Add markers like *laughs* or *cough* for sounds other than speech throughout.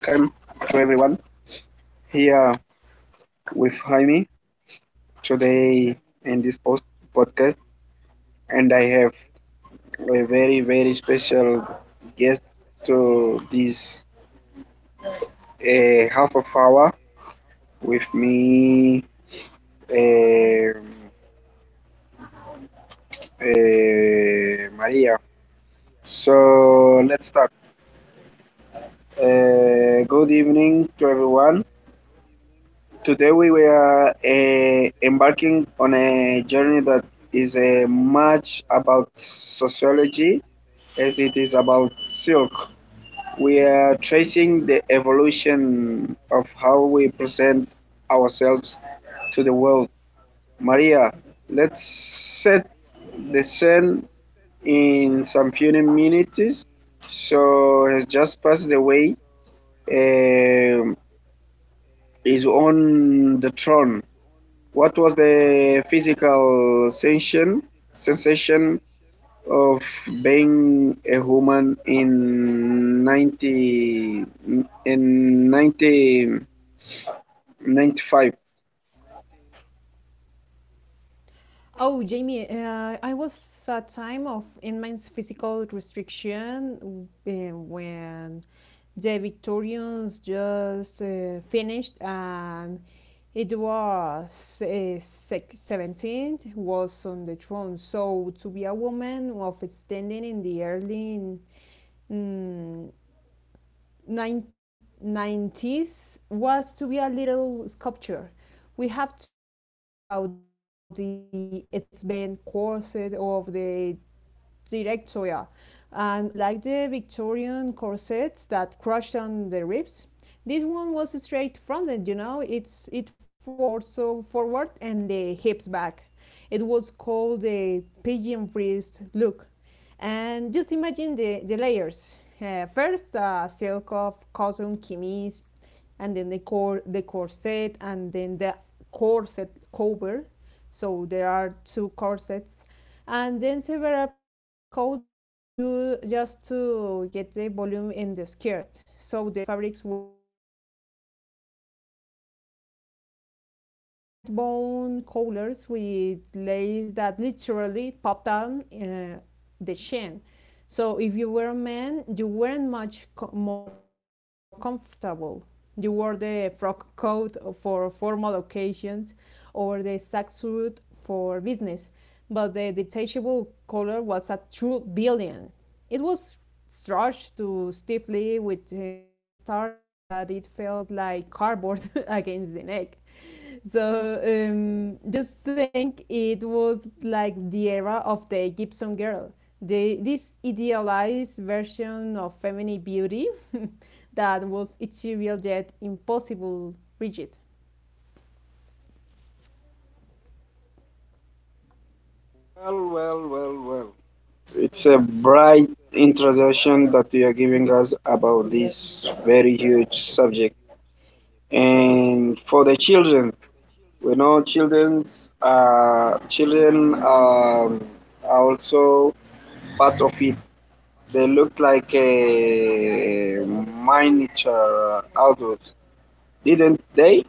to everyone here with Jaime today in this post podcast, and I have a very, very special guest to this half of hour with me, um Maria. So let's start. Good evening to everyone. Today we were embarking on a journey that is much about sociology as it is about silk. We are tracing the evolution of how we present ourselves to the world. Maria, let's set the scene in some few minutes. So has just passed away. Um is on the throne. What was the physical sensation of being a human in 1995? Well, well, well, well. It's a bright introduction that you are giving us about this very huge subject. And for the children, we know children are also part of it. They looked like a miniature adults, didn't they?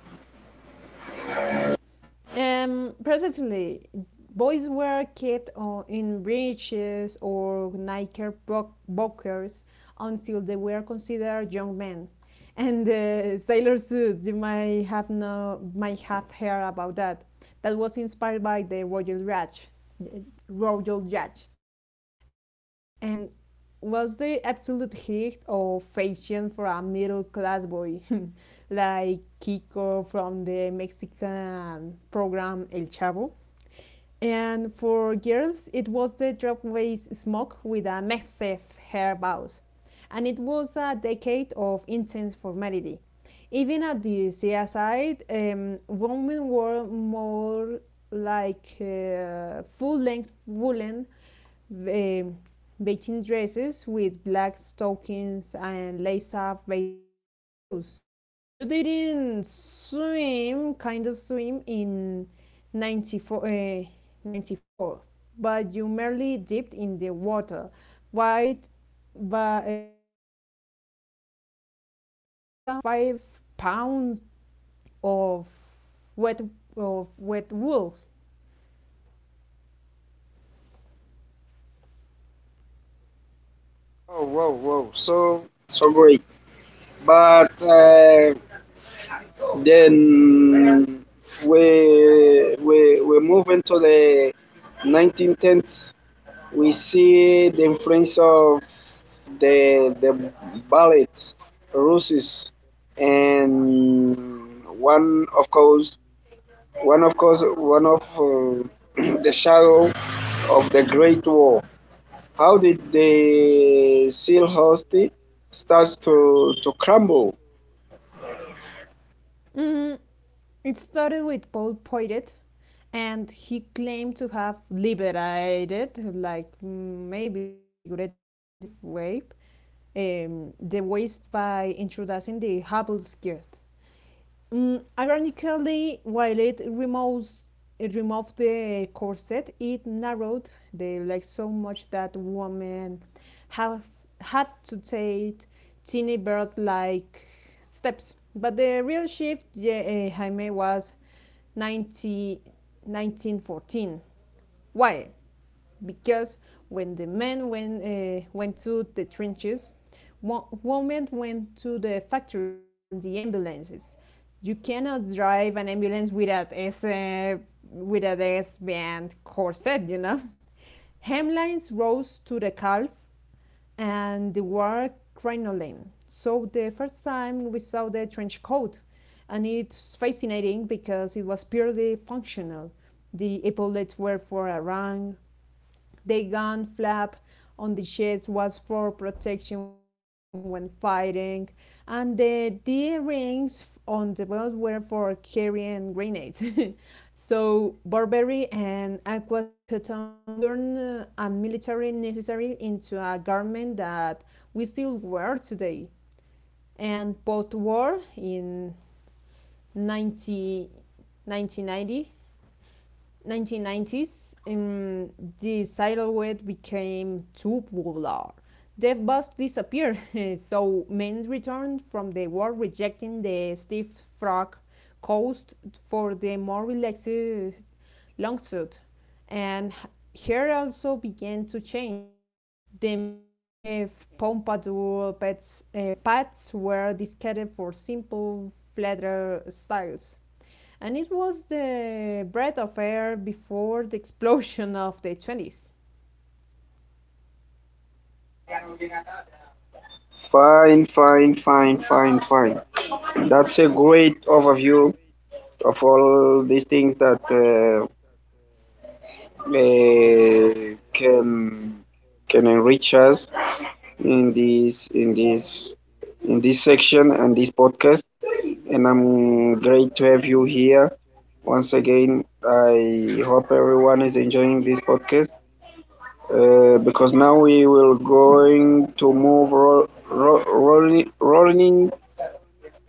Oh, wow, wow. So, so great. But then we move into the 1910s. We see the influence of the ballet, Russes, and one, of course, one of course one of *clears throat* the shadow of the Great War. How did the seal Hosty starts to crumble? Fine, fine, fine, fine, fine. That's a great overview of all these things that uh, can can enrich us in this in this in this section and this podcast. And I'm great to have you here. Once again, I hope everyone is enjoying this podcast because now we will going to move rolling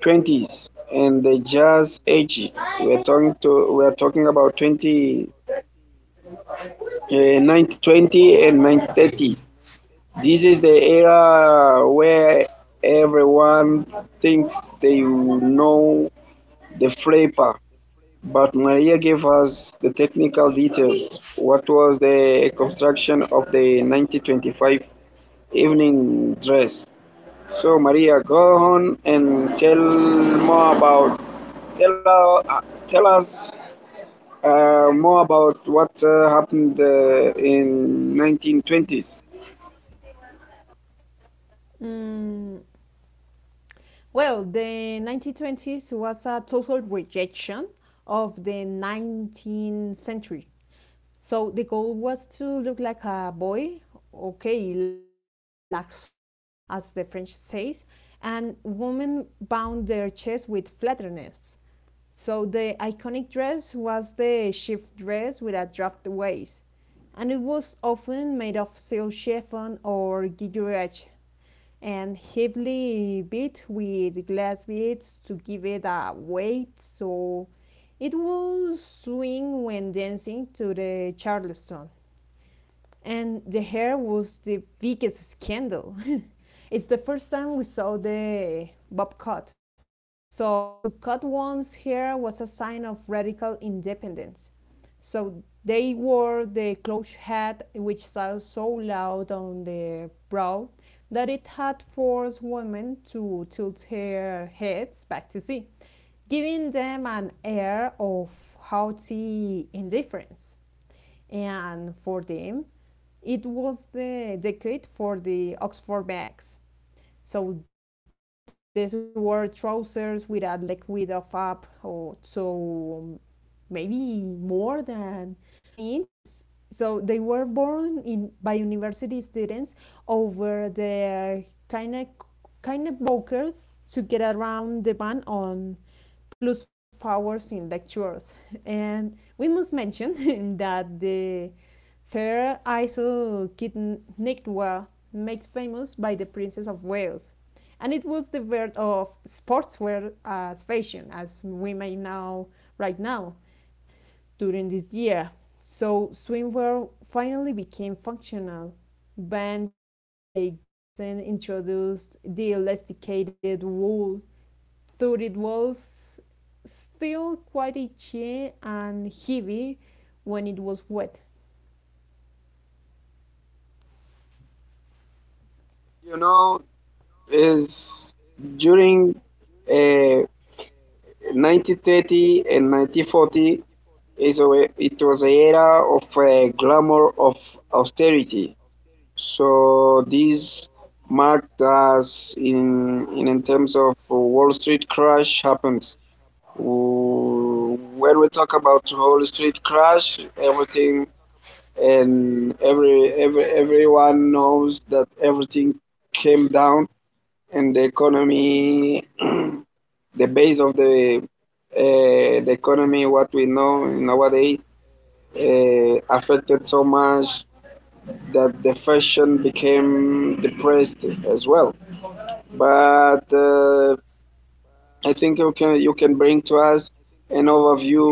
20s and the jazz age. We are talking about 1920 and 1930. This is the era where everyone thinks they know the flapper. But Maria gave us the technical details: what was the construction of the 1925 evening dress. So Maria, go on and tell more about tell uh, tell us more about what happened in 1920s. You know, is during uh, 1930 and 1940. It was the era of the glamour of austerity, so this marked us in terms of Wall Street crash happens. W- When we talk about Wall Street crash, everything and everyone knows that everything came down and the economy, *clears throat* the base of the economy, what we know nowadays affected so much that the fashion became depressed as well. But I think you can bring to us an overview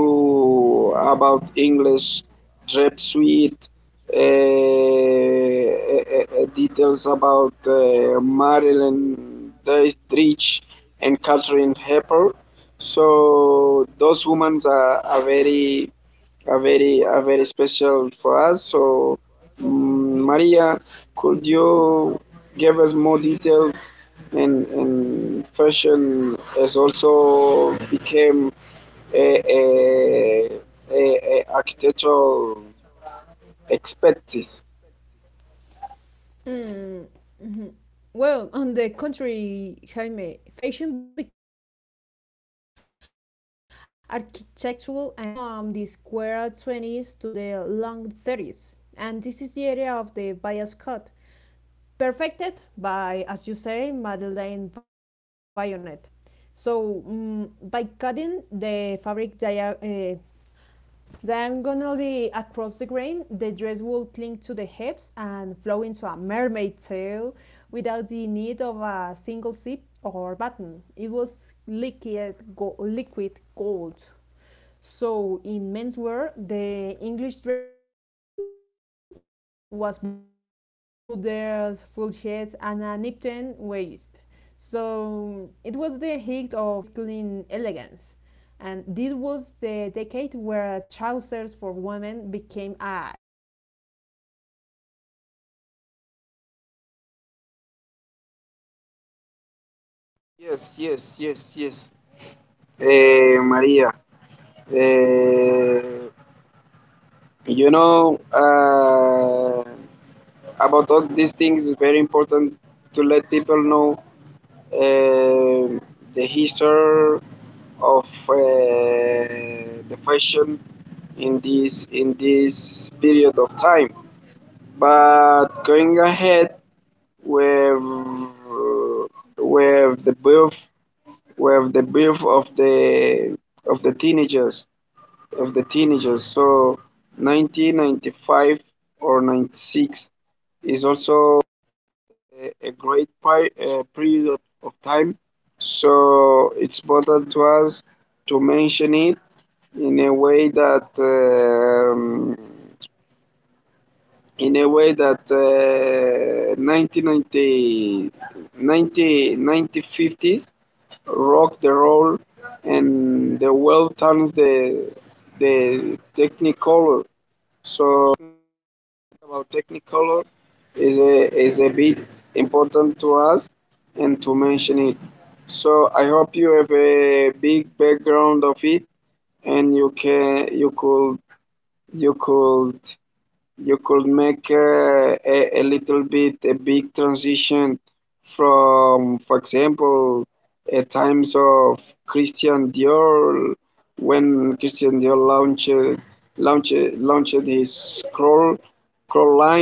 about English drape suite, uh, uh, details about Marilyn Dietrich and Catherine Hepper. So those women are very, are very special for us. So, Maria, could you give us more details? And fashion has also became a, a, a architectural expertise. Yes, yes, yes, yes. Eh, Maria, eh, you know about all these things is very important to let people know um the history of the fashion in this period of time. But going ahead with with the birth with the birth of the of the teenagers, of the teenagers. So 1995 or 96 is also a great period of time. So it's important to us to mention it in a way that 1990 rock the role and the world turns the technicolor, so talking about Technicolor is a bit important to us and to mention it. So I hope you have a big background of it and you can you could you could you could make a little bit a big transition from, for example, a times of Christian Dior when Christian Dior launched launched his scroll line.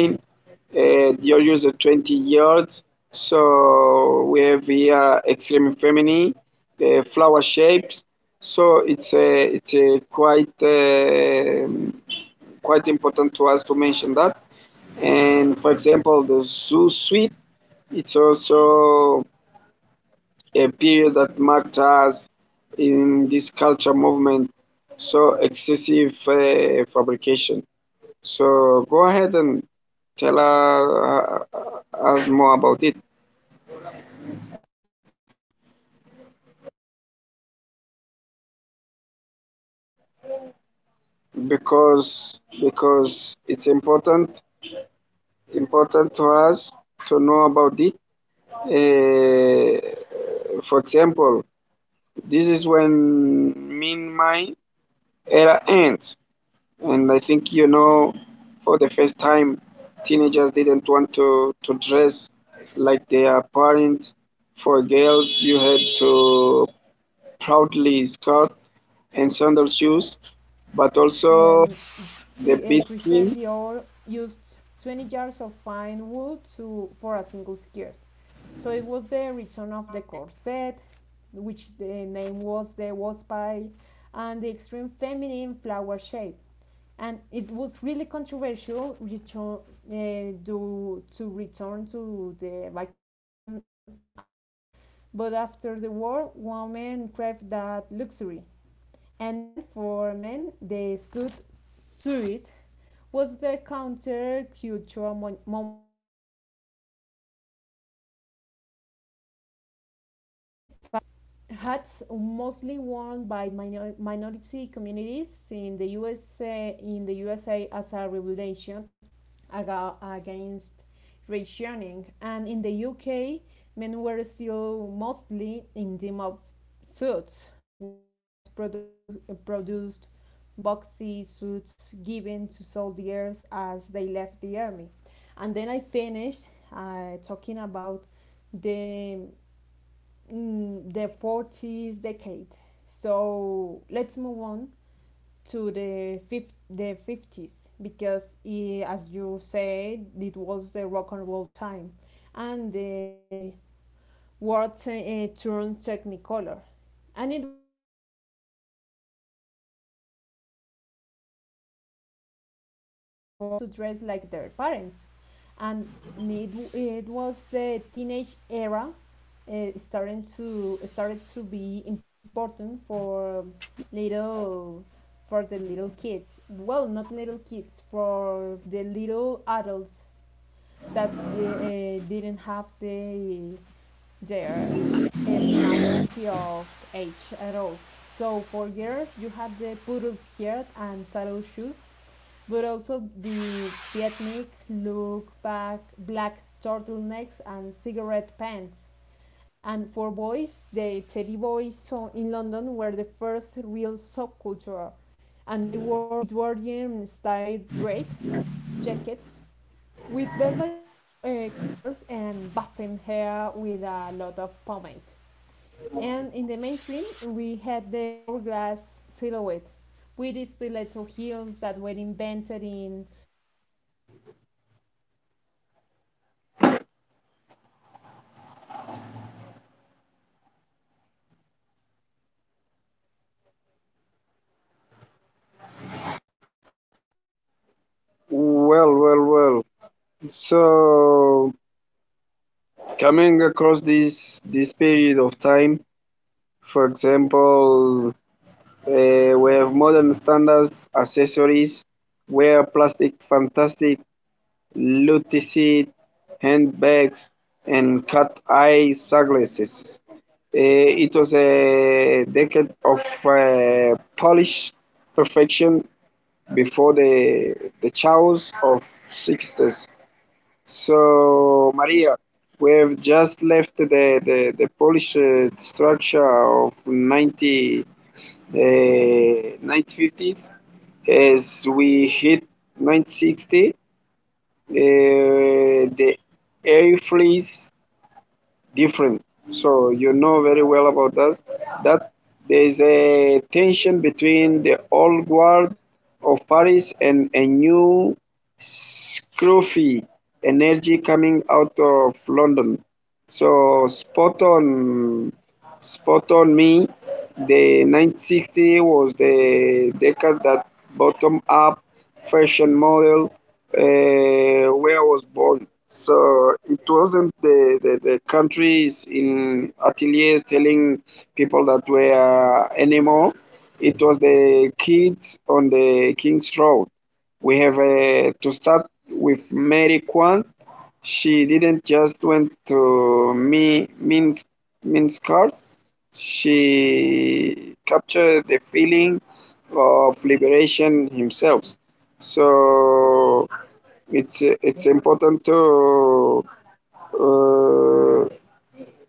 Dior used 20 yards. So we have here extreme feminine, flower shapes. So it's a quite. Quite important to us to mention that. And for example, the Zoo Suite, it's also a period that marked us in this culture movement. So excessive fabrication. So go ahead and tell us more about it because it's important to us to know about it. Uh, for example, this is when Min Mai era ends, and I think for the first time, teenagers didn't want to dress like their parents. For girls, you had to proudly skirt and sandal shoes, but also the beating. Well, well, well. So coming across this period of time, for example, eh, we have modern standards, accessories, wear plastic, fantastic, luticide, handbags, and cat eye sunglasses. Eh, it was a decade of Polish perfection before the chaos of 60s. So, Maria, we have just left the Polish structure of 90 uh, 1950s. As we hit 1960, the air flees different. So you know very well about that. That there is a tension between the old guard of Paris and a new scruffy energy coming out of London. So spot on, spot on me. The 960 was the decade that bottom-up fashion model uh, where I was born. So it wasn't the countries in ateliers telling people that were anymore. It was the kids on the King's Road. We have to start with Mary Quant. She didn't just went to me means means card, she captured the feeling of liberation himself. So it's important to uh,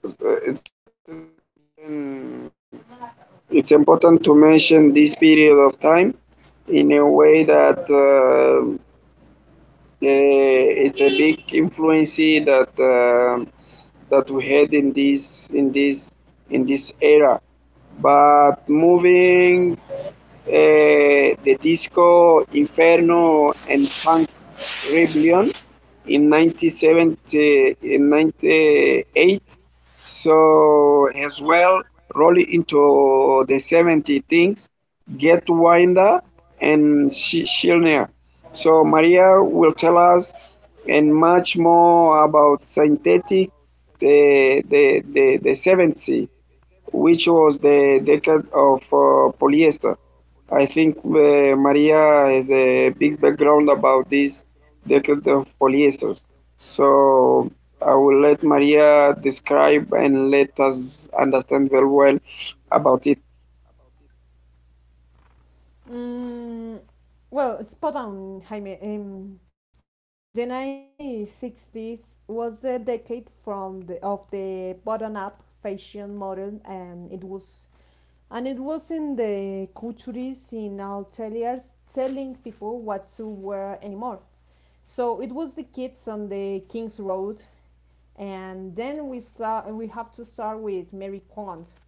it's it's important to mention this period of time in a way that it's a big influence that that we had in this era. But moving eh, the disco Inferno and Punk Rebellion in 1970, in so as well, roll into the 70 things, get winder and Schillner. So Maria will tell us and much more about synthetic the 70, which was the decade of polyester. I think Maria has a big background about this decade of polyester. So I will let Maria describe and let us understand very well about it. Mm, well, spot on, Jaime. The 1960s was a decade of the bottom-up fashion model, and it was in the couturiers in ateliers telling people what to wear anymore. So it was the kids on the King's Road, and then we start. We have to start with Mary Quant.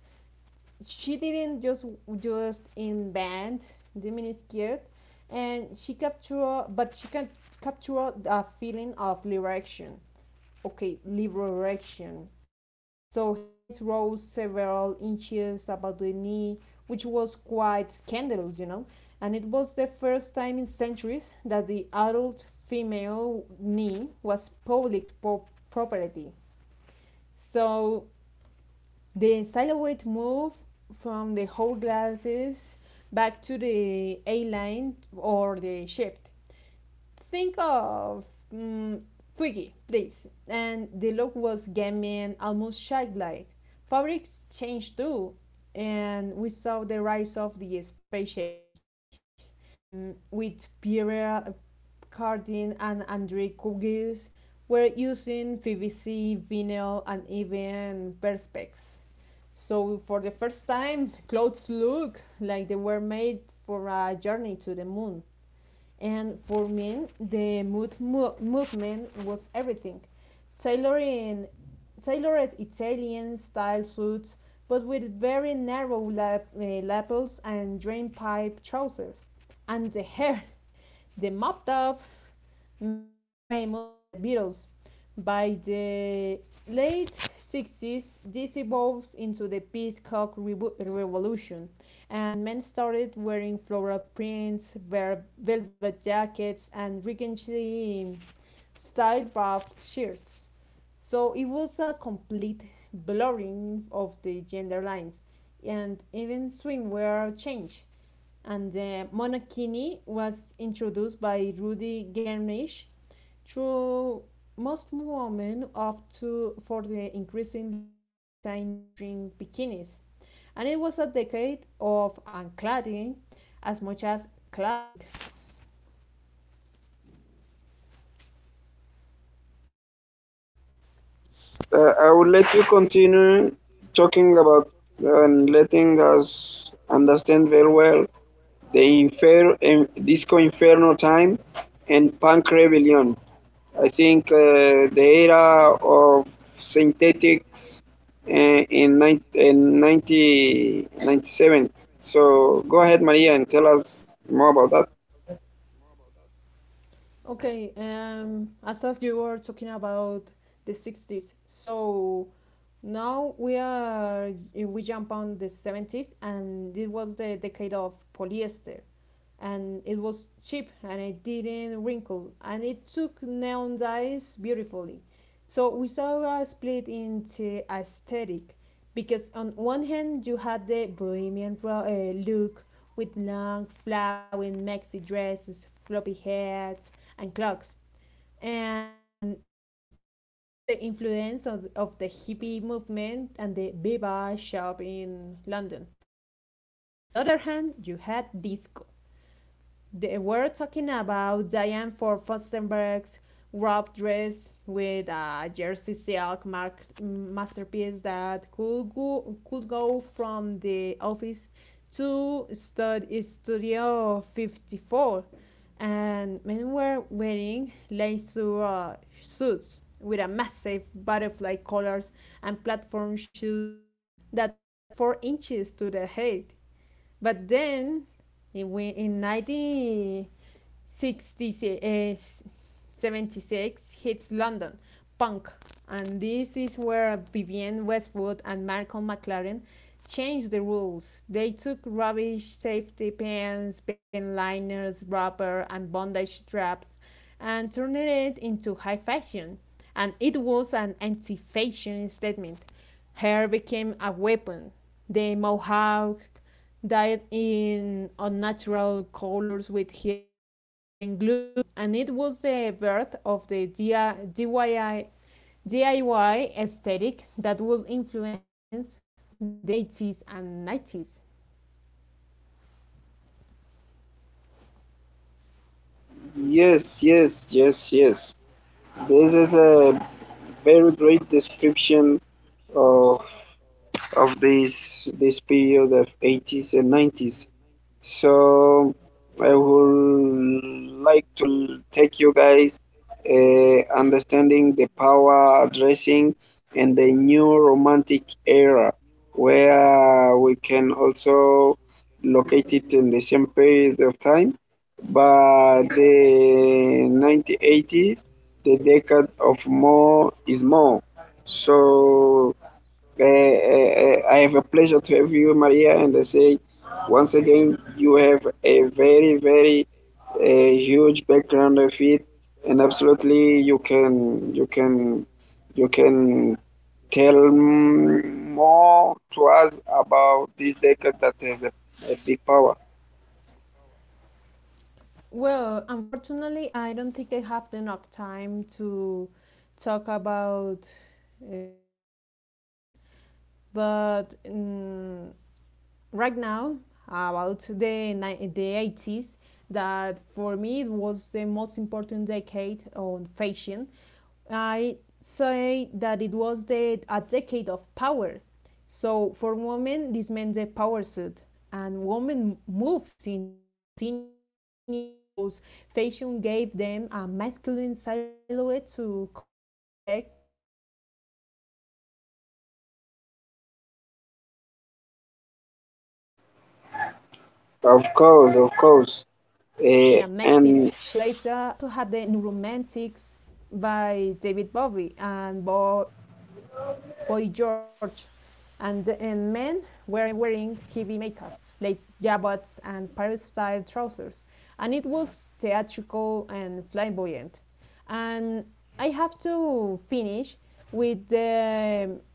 She didn't just invent the miniskirt, and but she can capture the feeling of liberation. Okay, liberation. So hemlines rose several inches above the knee, which was quite scandalous, you know. And it was the first time in centuries that the adult female knee was property. So the silhouette moved from the whole glasses back to the A line or the shift. Think of mm, Twiggy, please. And the look was gammy and almost childlike. Fabrics changed too, and we saw the rise of the space age with Pierre Cardin and Andre Kugis were using PVC, vinyl, and even perspex. So for the first time, clothes look like they were made for a journey to the moon. And for me, the movement was everything. Tailoring Tailored Italian style suits, but with very narrow lapels and drainpipe trousers. And the hair, *laughs* the mop top, made famous by the Beatles. By the late 60s, this evolved into the Revolution, and men started wearing floral prints, velvet jackets, and rickety style rough shirts. So it was a complete blurring of the gender lines, and even swimwear changed. And the monokini was introduced by Rudy Gernish through most women opt to for the increasingly tiny string bikinis, and it was a decade of uncladding as much as cladding. I will let you continue talking about and letting us understand very well the disco inferno time and punk rebellion. I think the era of synthetics uh, in, nine in 90, so go ahead, Maria, and tell us more about that. Okay, I thought you were talking about the 60s. So now we jump on the 70s, and it was the decade of polyester, and it was cheap, and it didn't wrinkle, and it took neon dyes beautifully. So we saw a split into aesthetic, because on one hand you had the bohemian look with long flowing maxi dresses, floppy hats, and clocks, and this was the influence of the hippie movement and the Bebop shop in London. And on the other hand, you had disco. They were talking about Diane Ford Fostenberg's wrap dress, with a jersey silk mark masterpiece that could go from the office to Studio 54. And men were wearing lace suits with a massive butterfly collars and platform shoes that added 4 inches to their height. But then, in 1976, hits London, punk. And this is where Vivienne Westwood and Malcolm McLaren changed the rules. They took rubbish safety pins, pin liners, rubber, and bondage straps, and turned it into high fashion. And it was an anti fashion statement. Hair became a weapon. The mohawk, dyed in unnatural colors with gel and even glue, and it was the birth of the DIY aesthetic that would influence the 80s and 90s. Yes, yes, yes, yes. This is a very great description of, of this this period of 80s and 90s. So I would like to take you guys understanding the power dressing and the new romantic era where we can also locate it in the same period of time, but the 1980s, the decade of more is more. So I have a pleasure to have you, Maria, and I say once again, you have a very, very huge background of it, and absolutely you can tell more to us about this decade that has a big power. Well, unfortunately, I don't think I have enough time to talk about fashion, but right now about the 80s, that for me it was the most important decade on fashion. I say that it was a decade of power. So for women, this meant the power suit, and women moved into senior executive roles. Fashion gave them a masculine silhouette to command respect, with a massive shoulder pants, double breast blazer, and sharp pencil skirts. But Of we course, also of had the course. new romantics And influence by David Bowie and Boy George, and men were wearing heavy makeup, lace jabots, and paris style trousers, and it was theatrical and flamboyant. And I have to finish with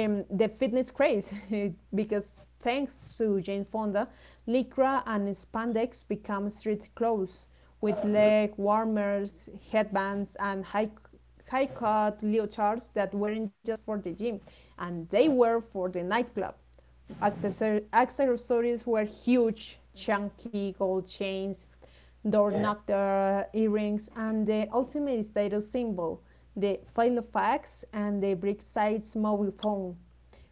the fitness craze *laughs* because thanks to Jane Fonda, lycra and spandex become street clothes, with leg warmers, headbands, and high cut leotards that weren't just for the gym, and they were for the nightclub. Accessor- Accessories were huge: chunky gold chains, door knocker earrings, and the ultimate status symbol, the Filofax and the Brick Sites mobile phone.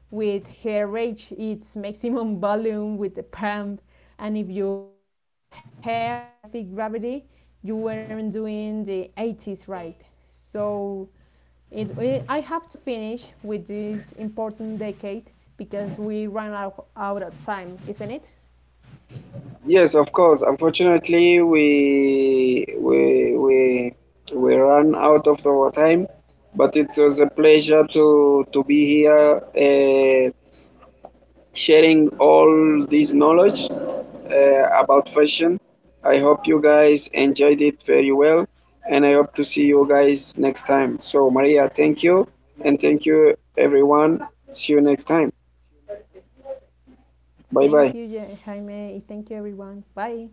With hair reach its maximum volume *laughs* with the pump, and if your hair didn't defy gravity, you weren't doing the 80s right. So I have to finish with this important decade because we out of time, isn't it? yes, of course. Unfortunately, we ran out of our time, but it was a pleasure to be here, sharing all this knowledge about fashion. I hope you guys enjoyed it very well, and I hope to see you guys next time. So, Maria, thank you, and thank you everyone. See you next time. Thank you, Bye bye. jaime, thank you everyone, bye.